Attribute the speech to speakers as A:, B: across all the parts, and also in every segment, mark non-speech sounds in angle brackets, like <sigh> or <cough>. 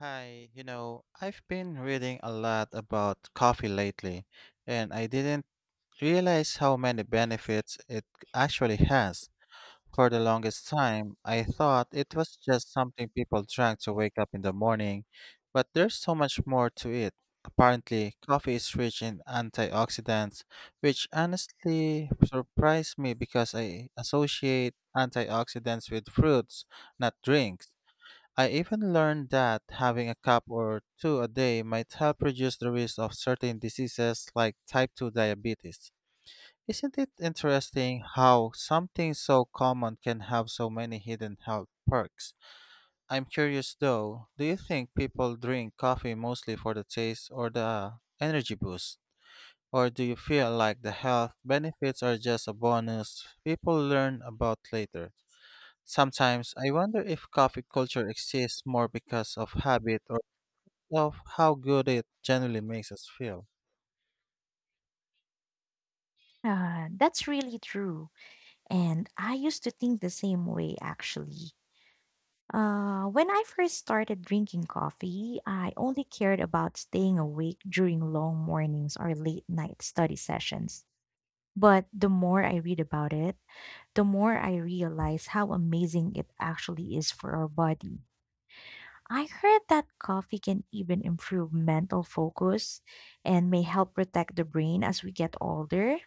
A: Hi, you know, I've been reading a lot about coffee lately, and I didn't realize how many benefits it actually has. For the longest time, I thought it was just something people drank to wake up in the morning, but there's so much more to it. Apparently, coffee is rich in antioxidants, which honestly surprised me because I associate antioxidants with fruits, not drinks. I even learned that having a cup or two a day might help reduce the risk of certain diseases like type 2 diabetes. Isn't it interesting how something so common can have so many hidden health perks? I'm curious though, do you think people drink coffee mostly for the taste or the energy boost? Or do you feel like the health benefits are just a bonus people learn about later? Sometimes I wonder if coffee culture exists more because of habit or of how good it generally makes us feel.
B: Yeah, that's really true. And I used to think the same way, actually. When I first started drinking coffee, I only cared about staying awake during long mornings or late night study sessions. But the more I read about it, the more I realize how amazing it actually is for our body. I heard that coffee can even improve mental focus and may help protect the brain as we get older,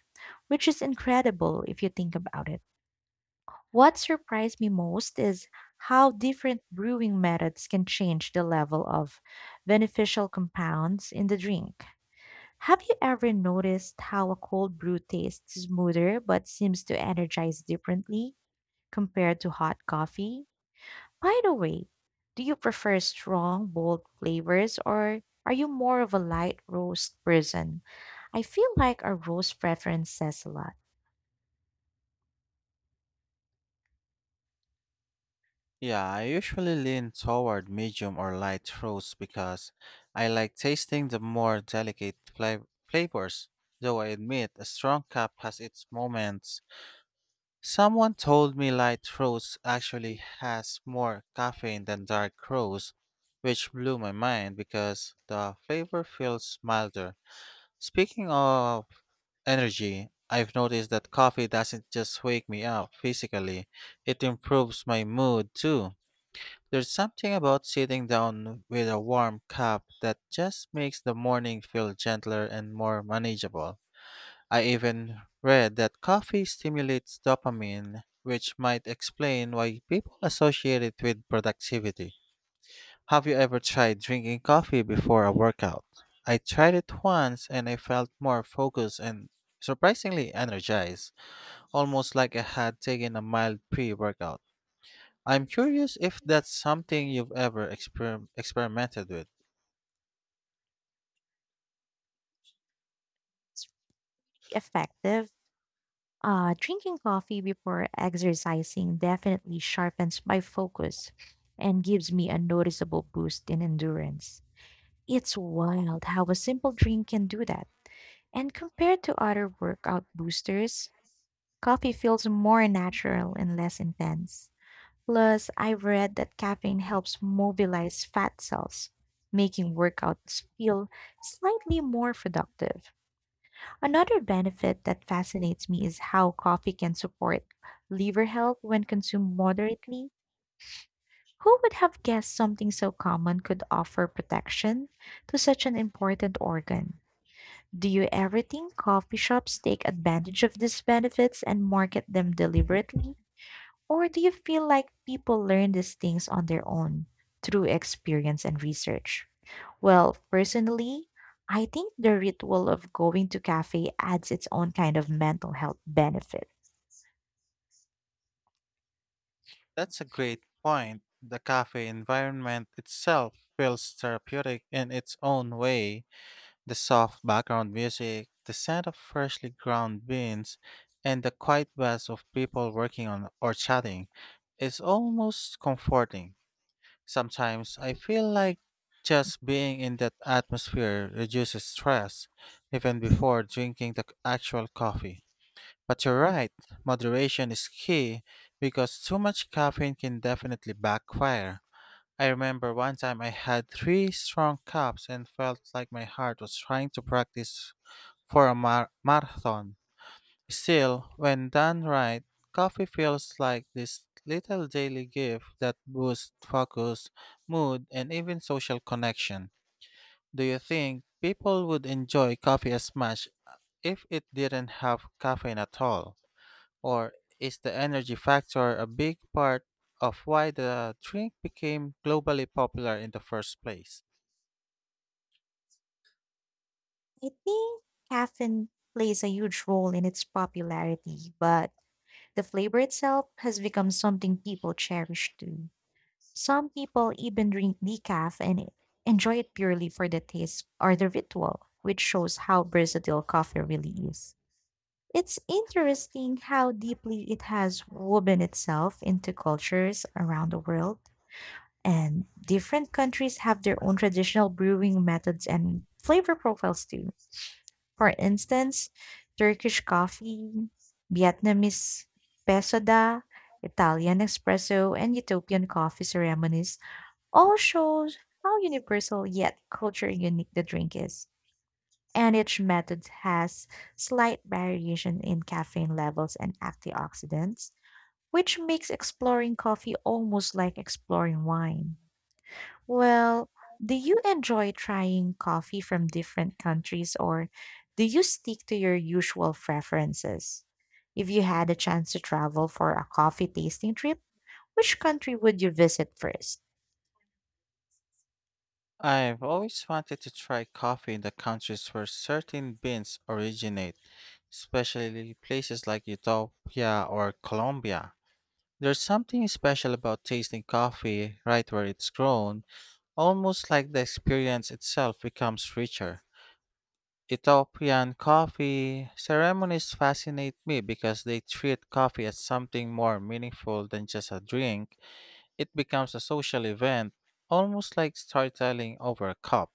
B: which is incredible if you think about it. What surprised me most is how different brewing methods can change the level of beneficial compounds in the drink. Have you ever noticed how a cold brew tastes smoother but seems to energize differently compared to hot coffee? By the way, do you prefer strong, bold flavors or are you more of a light roast person? I feel like our roast preference says a lot.
A: Yeah, I usually lean toward medium or light roast because I like tasting the more delicate flavors. Though I admit a strong cup has its moments. Someone told me light roast actually has more caffeine than dark roast, which blew my mind because the flavor feels milder. Speaking of energy. I've noticed that coffee doesn't just wake me up physically, it improves my mood too. There's something about sitting down with a warm cup that just makes the morning feel gentler and more manageable. I even read that coffee stimulates dopamine, which might explain why people associate it with productivity. Have you ever tried drinking coffee before a workout? I tried it once and I felt more focused and surprisingly energized, almost like I had taken a mild pre workout. I'm curious if that's something you've ever experimented with.
B: It's really effective. Drinking coffee before exercising definitely sharpens my focus and gives me a noticeable boost in endurance. It's wild how a simple drink can do that. And compared to other workout boosters, coffee feels more natural and less intense. Plus, I've read that caffeine helps mobilize fat cells, making workouts feel slightly more productive. Another benefit that fascinates me is how coffee can support liver health when consumed moderately. Who would have guessed something so common could offer protection to such an important organ? Do you ever think coffee shops take advantage of these benefits and market them deliberately? Or do you feel like people learn these things on their own through experience and research? Well, personally, I think the ritual of going to cafe adds its own kind of mental health benefit.
A: That's a great point. The cafe environment itself feels therapeutic in its own way. The soft background music, the scent of freshly ground beans, and the quiet buzz of people working on or chatting is almost comforting. Sometimes I feel like just being in that atmosphere reduces stress, even before drinking the actual coffee. But you're right, moderation is key because too much caffeine can definitely backfire. I remember one time I had three strong cups and felt like my heart was trying to practice for a marathon. Still, when done right, coffee feels like this little daily gift that boosts focus, mood, and even social connection. Do you think people would enjoy coffee as much if it didn't have caffeine at all? Or is the energy factor a big part of why the drink became globally popular in the first place?
B: I think caffeine plays a huge role in its popularity, but the flavor itself has become something people cherish too. Some people even drink decaf and enjoy it purely for the taste or the ritual, which shows how versatile coffee really is. It's interesting how deeply it has woven itself into cultures around the world, and different countries have their own traditional brewing methods and flavor profiles too. For instance, Turkish coffee, Vietnamese pesoda, Italian espresso, and Ethiopian coffee ceremonies all shows how universal yet culture unique the drink is, and each method has slight variation in caffeine levels and antioxidants, which makes exploring coffee almost like exploring wine. Well, do you enjoy trying coffee from different countries or do you stick to your usual preferences? If you had a chance to travel for a coffee tasting trip, which country would you visit first?
A: I've always wanted to try coffee in the countries where certain beans originate, especially places like Ethiopia or Colombia. There's something special about tasting coffee right where it's grown, almost like the experience itself becomes richer. Ethiopian coffee ceremonies fascinate me because they treat coffee as something more meaningful than just a drink. It becomes a social event, almost like storytelling over a cup.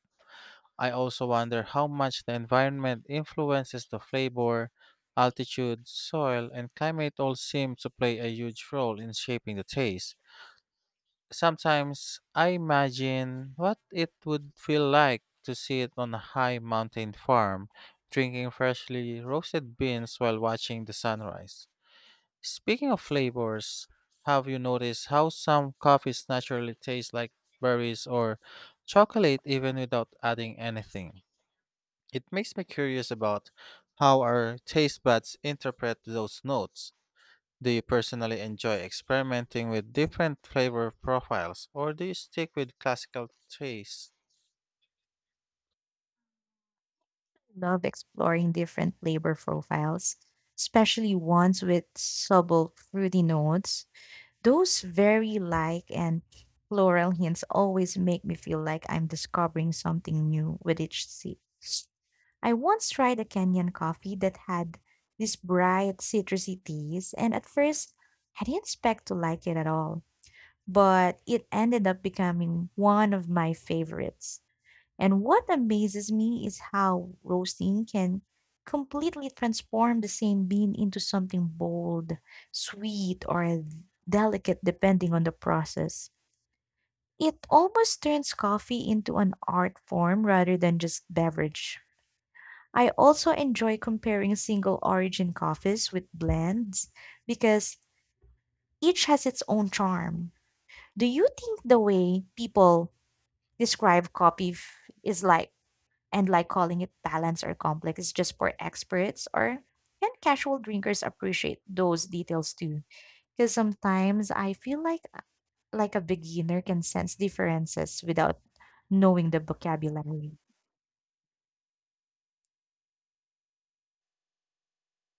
A: I also wonder how much the environment influences the flavor. Altitude, soil, and climate all seem to play a huge role in shaping the taste. Sometimes I imagine what it would feel like to sit on a high mountain farm, drinking freshly roasted beans while watching the sunrise. Speaking of flavors, have you noticed how some coffees naturally taste like berries or chocolate even without adding anything? It makes me curious about how our taste buds interpret those notes. Do you personally enjoy experimenting with different flavor profiles, or do you stick with classical tastes?
B: Love exploring different flavor profiles, especially ones with subtle fruity notes. Those very like and floral hints always make me feel like I'm discovering something new with each sip. I once tried a Kenyan coffee that had this bright citrusy taste, and at first I didn't expect to like it at all, but it ended up becoming one of my favorites. And what amazes me is how roasting can completely transform the same bean into something bold, sweet, or delicate depending on the process. It almost turns coffee into an art form rather than just beverage. I also enjoy comparing single origin coffees with blends because each has its own charm. Do you think the way people describe coffee is like and like calling it balanced or complex is just for experts, or and casual drinkers appreciate those details too, because sometimes I feel like a beginner can sense differences without knowing the vocabulary?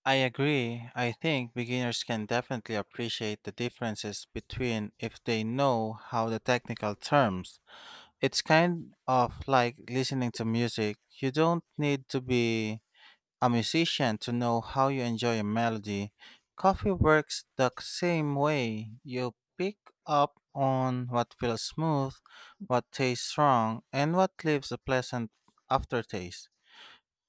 A: I agree. I think beginners can definitely appreciate the differences between if they know how the technical terms. It's kind of like listening to music. You don't need to be a musician to know how you enjoy a melody. Coffee works the same way. You pick up on what feels smooth, what tastes strong, and what leaves a pleasant aftertaste.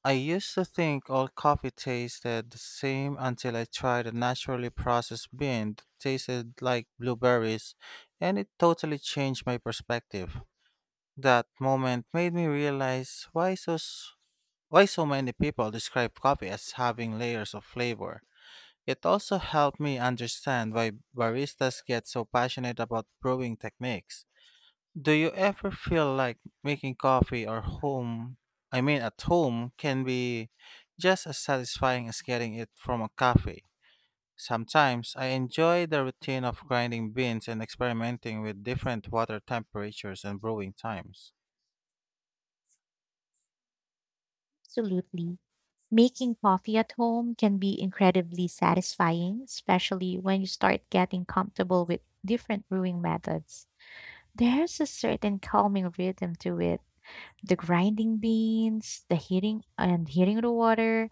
A: I used to think all coffee tasted the same until I tried a naturally processed bean that tasted like blueberries, and it totally changed my perspective. That moment made me realize why so many people describe coffee as having layers of flavor. It also helped me understand why baristas get so passionate about brewing techniques. Do you ever feel like making coffee or home, I mean at home, can be just as satisfying as getting it from a cafe? Sometimes I enjoy the routine of grinding beans and experimenting with different water temperatures and brewing times.
B: Absolutely, making coffee at home can be incredibly satisfying, especially when you start getting comfortable with different brewing methods. There's a certain calming rhythm to it: the grinding beans, the heating the water,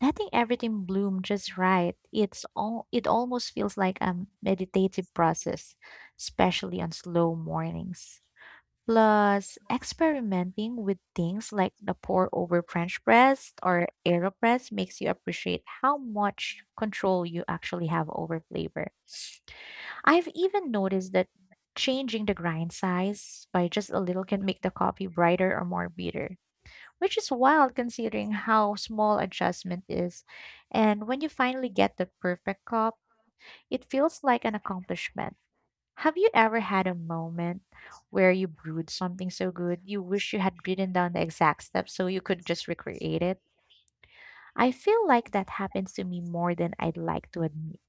B: letting everything bloom just right. It's all it almost feels like a meditative process, especially on slow mornings. Plus, experimenting with things like the pour over French press or AeroPress makes you appreciate how much control you actually have over flavor. I've even noticed that changing the grind size by just a little can make the coffee brighter or more bitter, which is wild considering how small adjustment is. And when you finally get the perfect cup, it feels like an accomplishment. Have you ever had a moment where you brewed something so good you wish you had written down the exact steps so you could just recreate it? I feel like that happens to me more than I'd like to admit.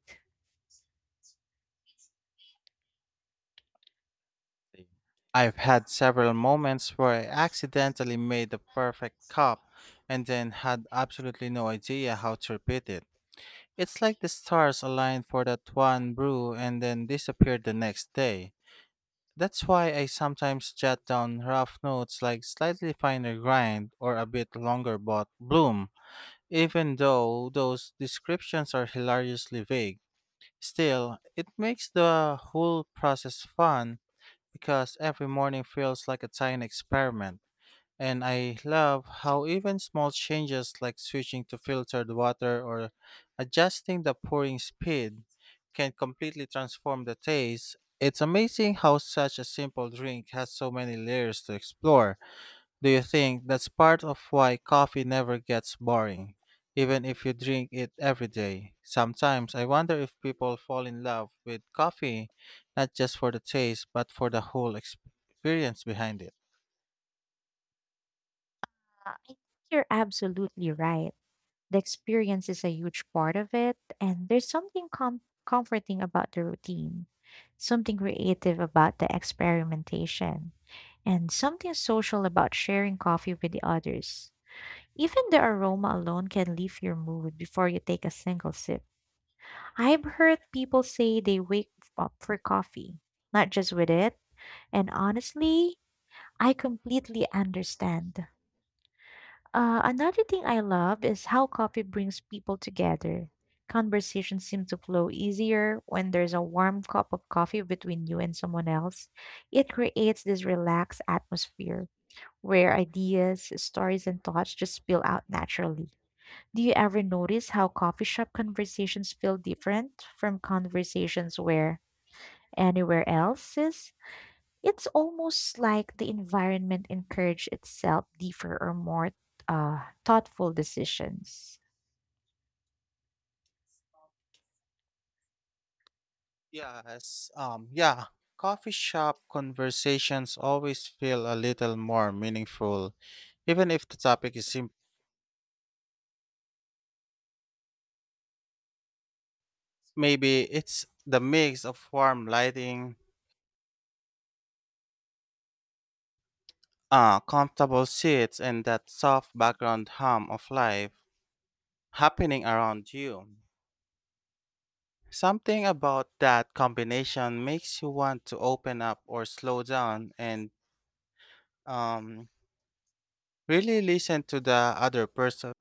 A: I've had several moments where I accidentally made the perfect cup and then had absolutely no idea how to repeat it. It's like the stars aligned for that one brew and then disappeared the next day. That's why I sometimes jot down rough notes like slightly finer grind or a bit longer but bloom. Even though those descriptions are hilariously vague, still, it makes the whole process fun because every morning feels like a tiny experiment. And I love how even small changes like switching to filtered water or adjusting the pouring speed can completely transform the taste. It's amazing how such a simple drink has so many layers to explore. Do you think that's part of why coffee never gets boring, even if you drink it every day? Sometimes I wonder if people fall in love with coffee not just for the taste but for the whole experience behind it.
B: I think you're absolutely right. The experience is a huge part of it, and there's something comforting about the routine, something creative about the experimentation, and something social about sharing coffee with the others. Even the aroma alone can lift your mood before you take a single sip. I've heard people say they wake up for coffee, not just with it, and honestly, I completely understand. Another thing I love is how coffee brings people together. Conversations seem to flow easier when there's a warm cup of coffee between you and someone else. It creates this relaxed atmosphere where ideas, stories, and thoughts just spill out naturally. Do you ever notice how coffee shop conversations feel different from conversations where anywhere else is? It's almost like the environment encouraged itself deeper or more thoughtful decisions.
A: Yes, yeah, coffee shop conversations always feel a little more meaningful even if the topic is simple. Maybe it's the mix of warm lighting, comfortable seats, and that soft background hum of life happening around you. Something about that combination makes you want to open up or slow down and um, really listen to the other person.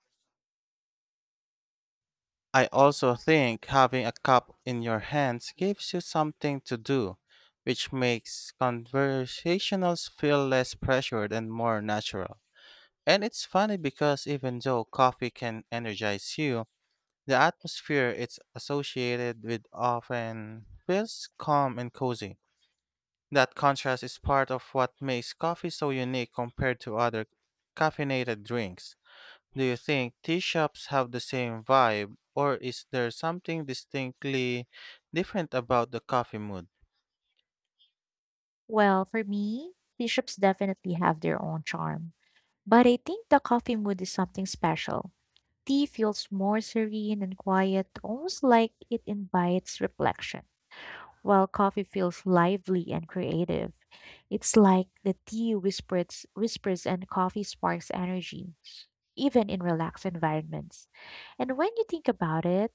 A: I also think having a cup in your hands gives you something to do, which makes conversationals feel less pressured and more natural. And it's funny because even though coffee can energize you, the atmosphere it's associated with often feels calm and cozy. That contrast is part of what makes coffee so unique compared to other caffeinated drinks. Do you think tea shops have the same vibe, or is there something distinctly different about the coffee mood?
B: Well, for me, bishops definitely have their own charm. But I think the coffee mood is something special. Tea feels more serene and quiet, almost like it invites reflection, while coffee feels lively and creative. It's like the tea whispers and coffee sparks energy, even in relaxed environments. And when you think about it,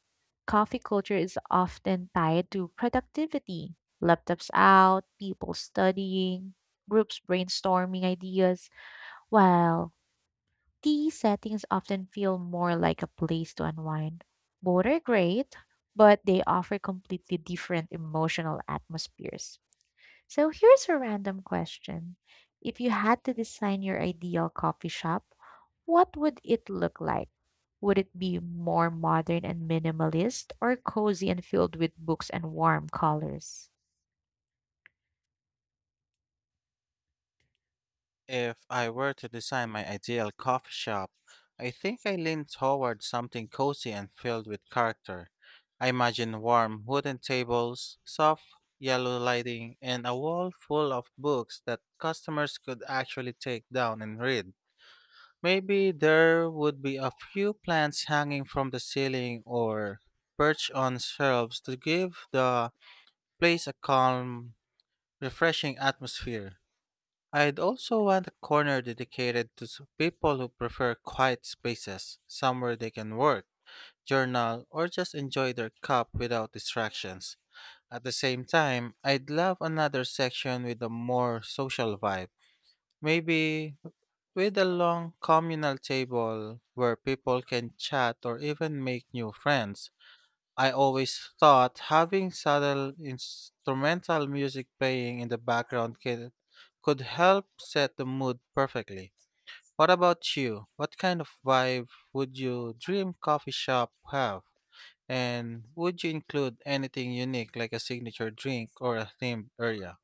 B: coffee culture is often tied to productivity laptops out, people studying, groups brainstorming ideas, while tea settings often feel more like a place to unwind. Both are great, but they offer completely different emotional atmospheres. So here's a random question. If you had to design your ideal coffee shop, what would it look like? Would it be more modern and minimalist or cozy and filled with books and warm colors?
A: If I were to design my ideal coffee shop, I think I lean toward something cozy and filled with character. I imagine warm wooden tables, soft yellow lighting, and a wall full of books that customers could actually take down and read. Maybe there would be a few plants hanging from the ceiling or perched on shelves to give the place a calm, refreshing atmosphere. I'd also want a corner dedicated to people who prefer quiet spaces, somewhere they can work, journal, or just enjoy their cup without distractions. At the same time, I'd love another section with a more social vibe. Maybe with a long communal table where people can chat or even make new friends. I always thought having subtle instrumental music playing in the background could help set the mood perfectly. What about you? What kind of vibe would your dream coffee shop have? And would you include anything unique like a signature drink or a themed area?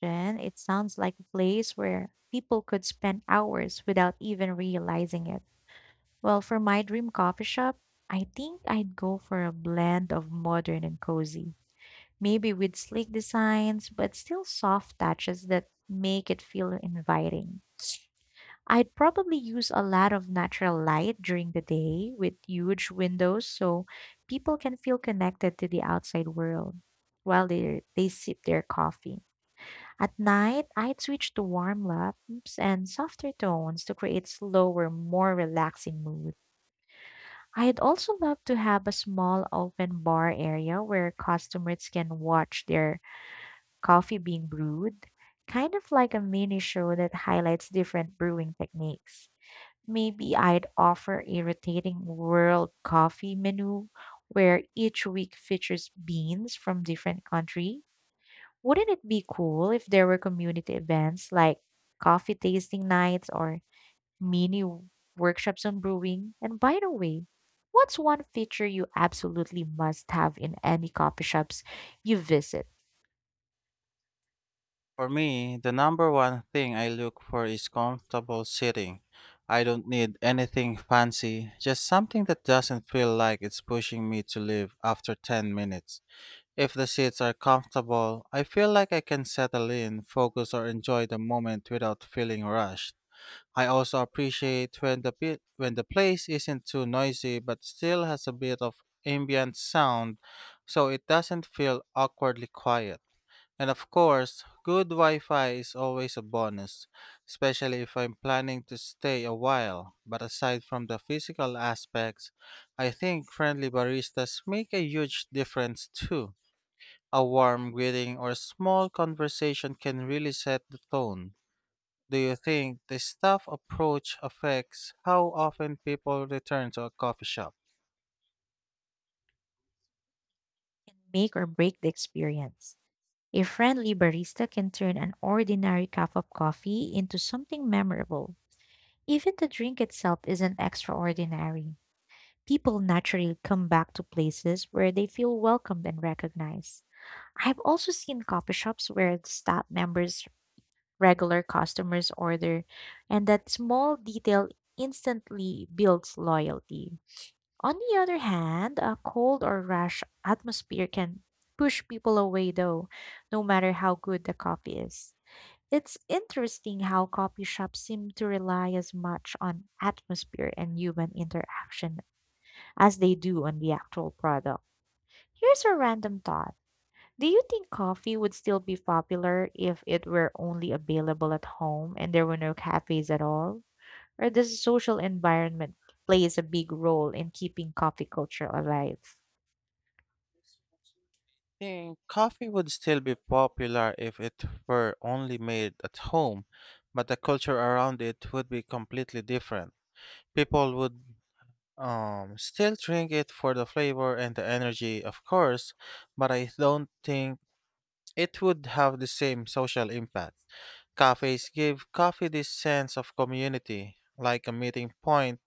B: Then it sounds like a place where people could spend hours without even realizing it. Well, for my dream coffee shop, I think I'd go for a blend of modern and cozy, maybe with sleek designs, but still soft touches that make it feel inviting. I'd probably use a lot of natural light during the day with huge windows so people can feel connected to the outside world while they sip their coffee. At night, I'd switch to warm lamps and softer tones to create slower, more relaxing mood. I'd also love to have a small open bar area where customers can watch their coffee being brewed, kind of like a mini show that highlights different brewing techniques. Maybe I'd offer a rotating world coffee menu where each week features beans from different country. Wouldn't it be cool if there were community events like coffee tasting nights or mini workshops on brewing? And by the way, what's one feature you absolutely must have in any coffee shops you visit?
A: For me, the number one thing I look for is comfortable sitting. I don't need anything fancy, just something that doesn't feel like it's pushing me to leave after 10 minutes. If the seats are comfortable, I feel like I can settle in, focus, or enjoy the moment without feeling rushed. I also appreciate when when the place isn't too noisy but still has a bit of ambient sound so it doesn't feel awkwardly quiet. And of course, good Wi Fi is always a bonus, especially if I'm planning to stay a while. But aside from the physical aspects, I think friendly baristas make a huge difference too. A warm greeting or small conversation can really set the tone. Do you think the staff approach affects how often people return to a coffee shop?
B: Make or break the experience. A friendly barista can turn an ordinary cup of coffee into something memorable. Even the drink itself isn't extraordinary. People naturally come back to places where they feel welcomed and recognized. I've also seen coffee shops where the staff members, regular customers order, and that small detail instantly builds loyalty. On the other hand, a cold or rash atmosphere can push people away though, no matter how good the coffee is. It's interesting how coffee shops seem to rely as much on atmosphere and human interaction as they do on the actual product. Here's a random thought. Do you think coffee would still be popular if it were only available at home and there were no cafes at all? Or does the social environment plays a big role in keeping coffee culture alive?
A: Think coffee would still be popular if it were only made at home, but the culture around it would be completely different. People would still drink it for the flavor and the energy, of course, but I don't think it would have the same social impact. Cafes give coffee this sense of community, like a meeting point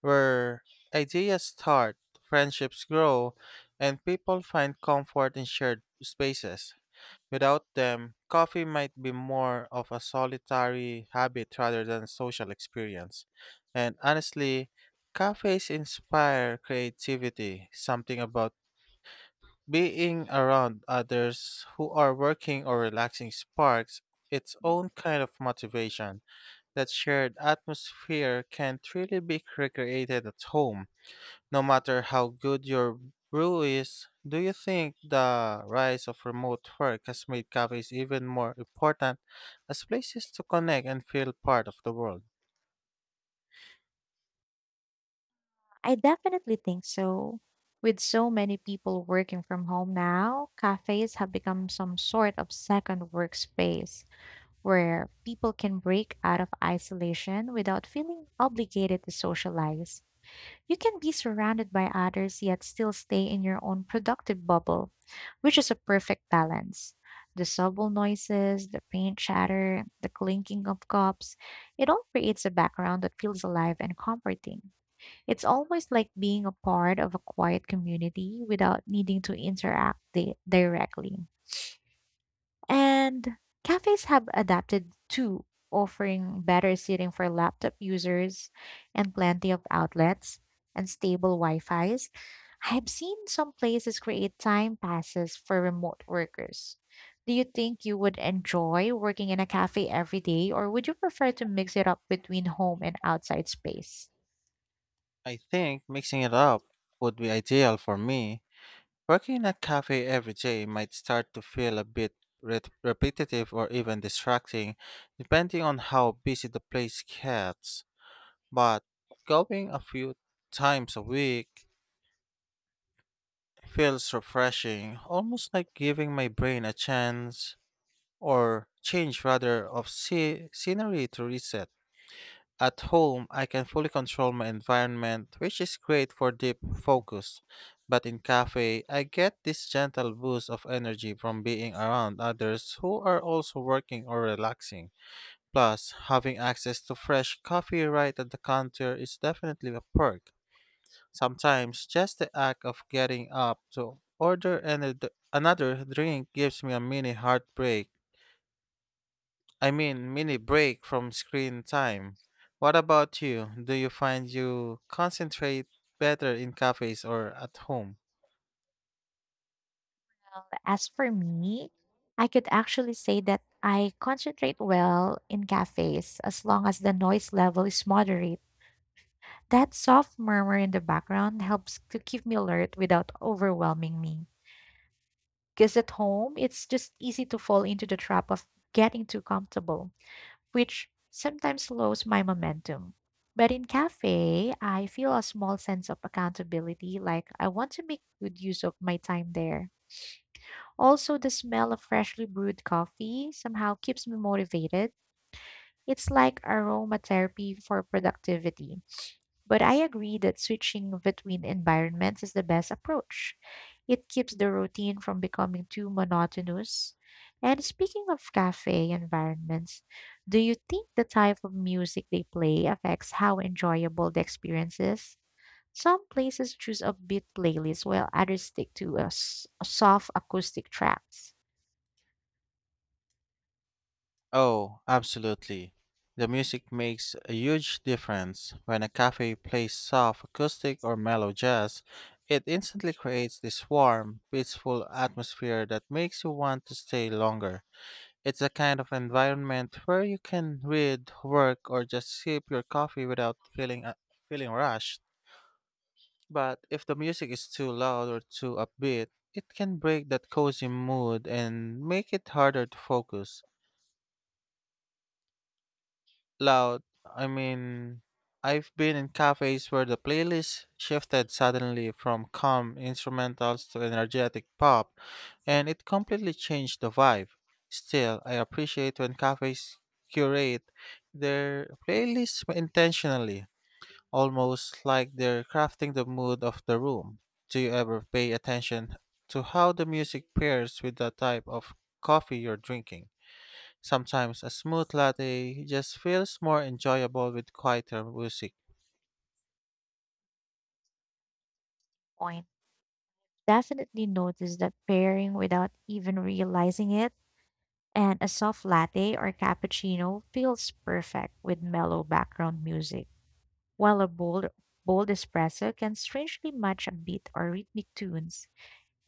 A: where ideas start, friendships grow, and people find comfort in shared spaces. Without them, coffee might be more of a solitary habit rather than a social experience. And honestly, cafes inspire creativity, something about being around others who are working or relaxing sparks its own kind of motivation. That shared atmosphere can't really be recreated at home. No matter how good your brew is, do you think the rise of remote work has made cafes even more important as places to connect and feel part of the world?
B: I definitely think so. With so many people working from home now, cafes have become some sort of second workspace where people can break out of isolation without feeling obligated to socialize. You can be surrounded by others yet still stay in your own productive bubble, which is a perfect balance. The subtle noises, the faint chatter, the clinking of cups, it all creates a background that feels alive and comforting. It's almost like being a part of a quiet community without needing to interact directly. And cafes have adapted too, offering better seating for laptop users and plenty of outlets and stable Wi-Fis. I've seen some places create time passes for remote workers. Do you think you would enjoy working in a cafe every day, or would you prefer to mix it up between home and outside space?
A: I think mixing it up would be ideal for me. Working in a cafe every day might start to feel a bit repetitive or even distracting, depending on how busy the place gets. But going a few times a week feels refreshing, almost like giving my brain a chance or change rather of scenery to reset. At home, I can fully control my environment, which is great for deep focus. But in cafe, I get this gentle boost of energy from being around others who are also working or relaxing. Plus, having access to fresh coffee right at the counter is definitely a perk. Sometimes just the act of getting up to order another drink gives me a mini heartbreak. I mean, mini break from screen time. What about you? Do you find you concentrate better in cafes or at home?
B: As for me, I could actually say that I concentrate well in cafes as long as the noise level is moderate. That soft murmur in the background helps to keep me alert without overwhelming me. Because at home, it's just easy to fall into the trap of getting too comfortable, which sometimes slows my momentum. But in cafe, I feel a small sense of accountability, like I want to make good use of my time there. Also, the smell of freshly brewed coffee somehow keeps me motivated. It's like aromatherapy for productivity. But I agree that switching between environments is the best approach. It keeps the routine from becoming too monotonous. And speaking of cafe environments, do you think the type of music they play affects how enjoyable the experience is? Some places choose upbeat playlists while others stick to a soft acoustic tracks.
A: Oh, absolutely. The music makes a huge difference. When a cafe plays soft acoustic or mellow jazz, it instantly creates this warm, peaceful atmosphere that makes you want to stay longer. It's a kind of environment where you can read, work, or just sip your coffee without feeling rushed. But if the music is too loud or too upbeat, it can break that cozy mood and make it harder to focus. Loud. I mean, I've been in cafes where the playlist shifted suddenly from calm instrumentals to energetic pop, and it completely changed the vibe. Still, I appreciate when cafes curate their playlists intentionally, almost like they're crafting the mood of the room. Do you ever pay attention to how the music pairs with the type of coffee you're drinking? Sometimes a smooth latte just feels more enjoyable with quieter music.
B: Definitely notice that pairing without even realizing it, and a soft latte or cappuccino feels perfect with mellow background music, while a bold espresso can strangely match a beat or rhythmic tunes.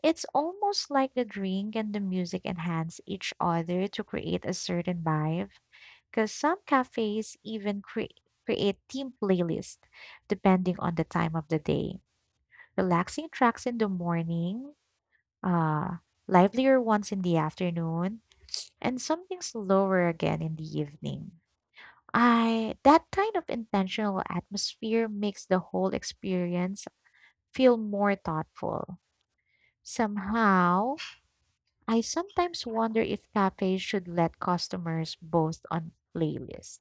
B: It's almost like the drink and the music enhance each other to create a certain vibe, because some cafes even create theme playlists depending on the time of the day: relaxing tracks in the morning, uh, livelier ones in the afternoon, and something slower again in the evening. I that kind of intentional atmosphere makes the whole experience feel more thoughtful. Somehow, I sometimes wonder if cafes should let customers boast on playlists,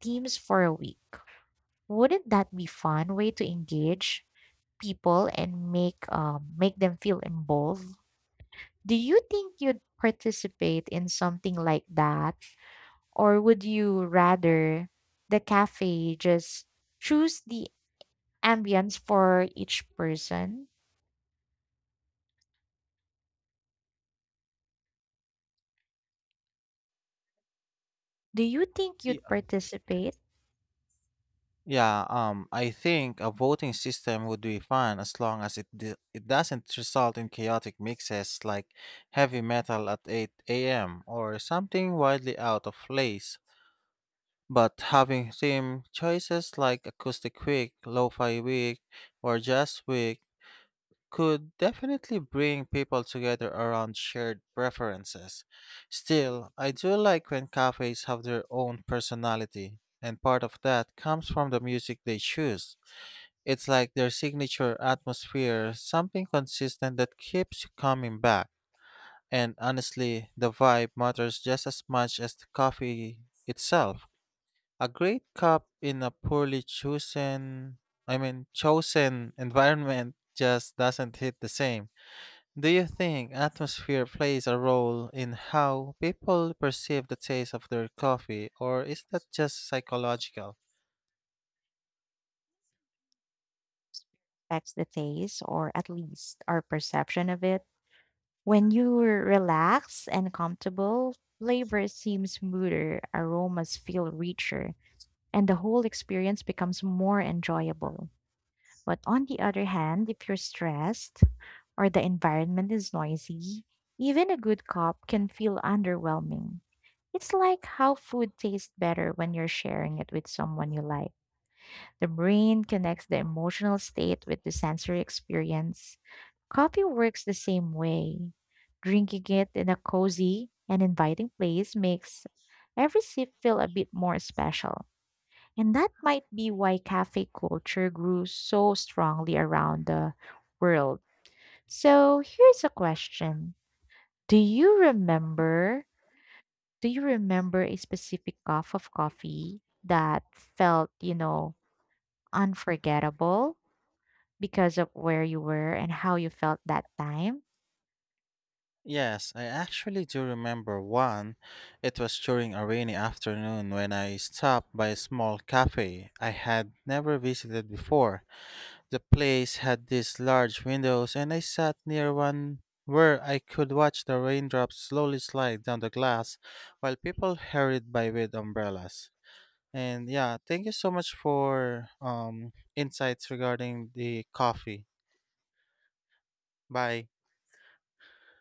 B: themes for a week. Wouldn't that be fun way to engage people and make them feel involved? Do you think you'd participate in something like that? Or would you rather the cafe just choose the ambience for each person? Do you think you'd
A: Yeah.
B: participate?
A: Yeah, I think a voting system would be fun as long as it doesn't result in chaotic mixes like heavy metal at 8 a.m. or something wildly out of place. But having theme choices like acoustic week, lo-fi week, or jazz week could definitely bring people together around shared preferences. Still, I do like when cafes have their own personality, and part of that comes from the music they choose. It's like their signature atmosphere, something consistent that keeps you coming back. And honestly, the vibe matters just as much as the coffee itself. A great cup in a poorly chosen, I mean, chosen <laughs> environment just doesn't hit the same. Do you think atmosphere plays a role in how people perceive the taste of their coffee, or is that just psychological?
B: That's the taste, or at least our perception of it. When you're relaxed and comfortable, flavor seems smoother, aromas feel richer, and the whole experience becomes more enjoyable. But on the other hand, if you're stressed, or the environment is noisy, even a good cup can feel underwhelming. It's like how food tastes better when you're sharing it with someone you like. The brain connects the emotional state with the sensory experience. Coffee works the same way. Drinking it in a cozy and inviting place makes every sip feel a bit more special. And that might be why cafe culture grew so strongly around the world. So here's a question. Do you remember do you remember a specific cup of coffee that felt, you know, unforgettable because of where you were and how you felt that time?
A: Yes, I actually do remember one. It was during a rainy afternoon when I stopped by a small cafe I had never visited before. The place had these large windows, and I sat near one where I could watch the raindrops slowly slide down the glass while people hurried by with umbrellas. And yeah, thank you so much for insights regarding the coffee. Bye.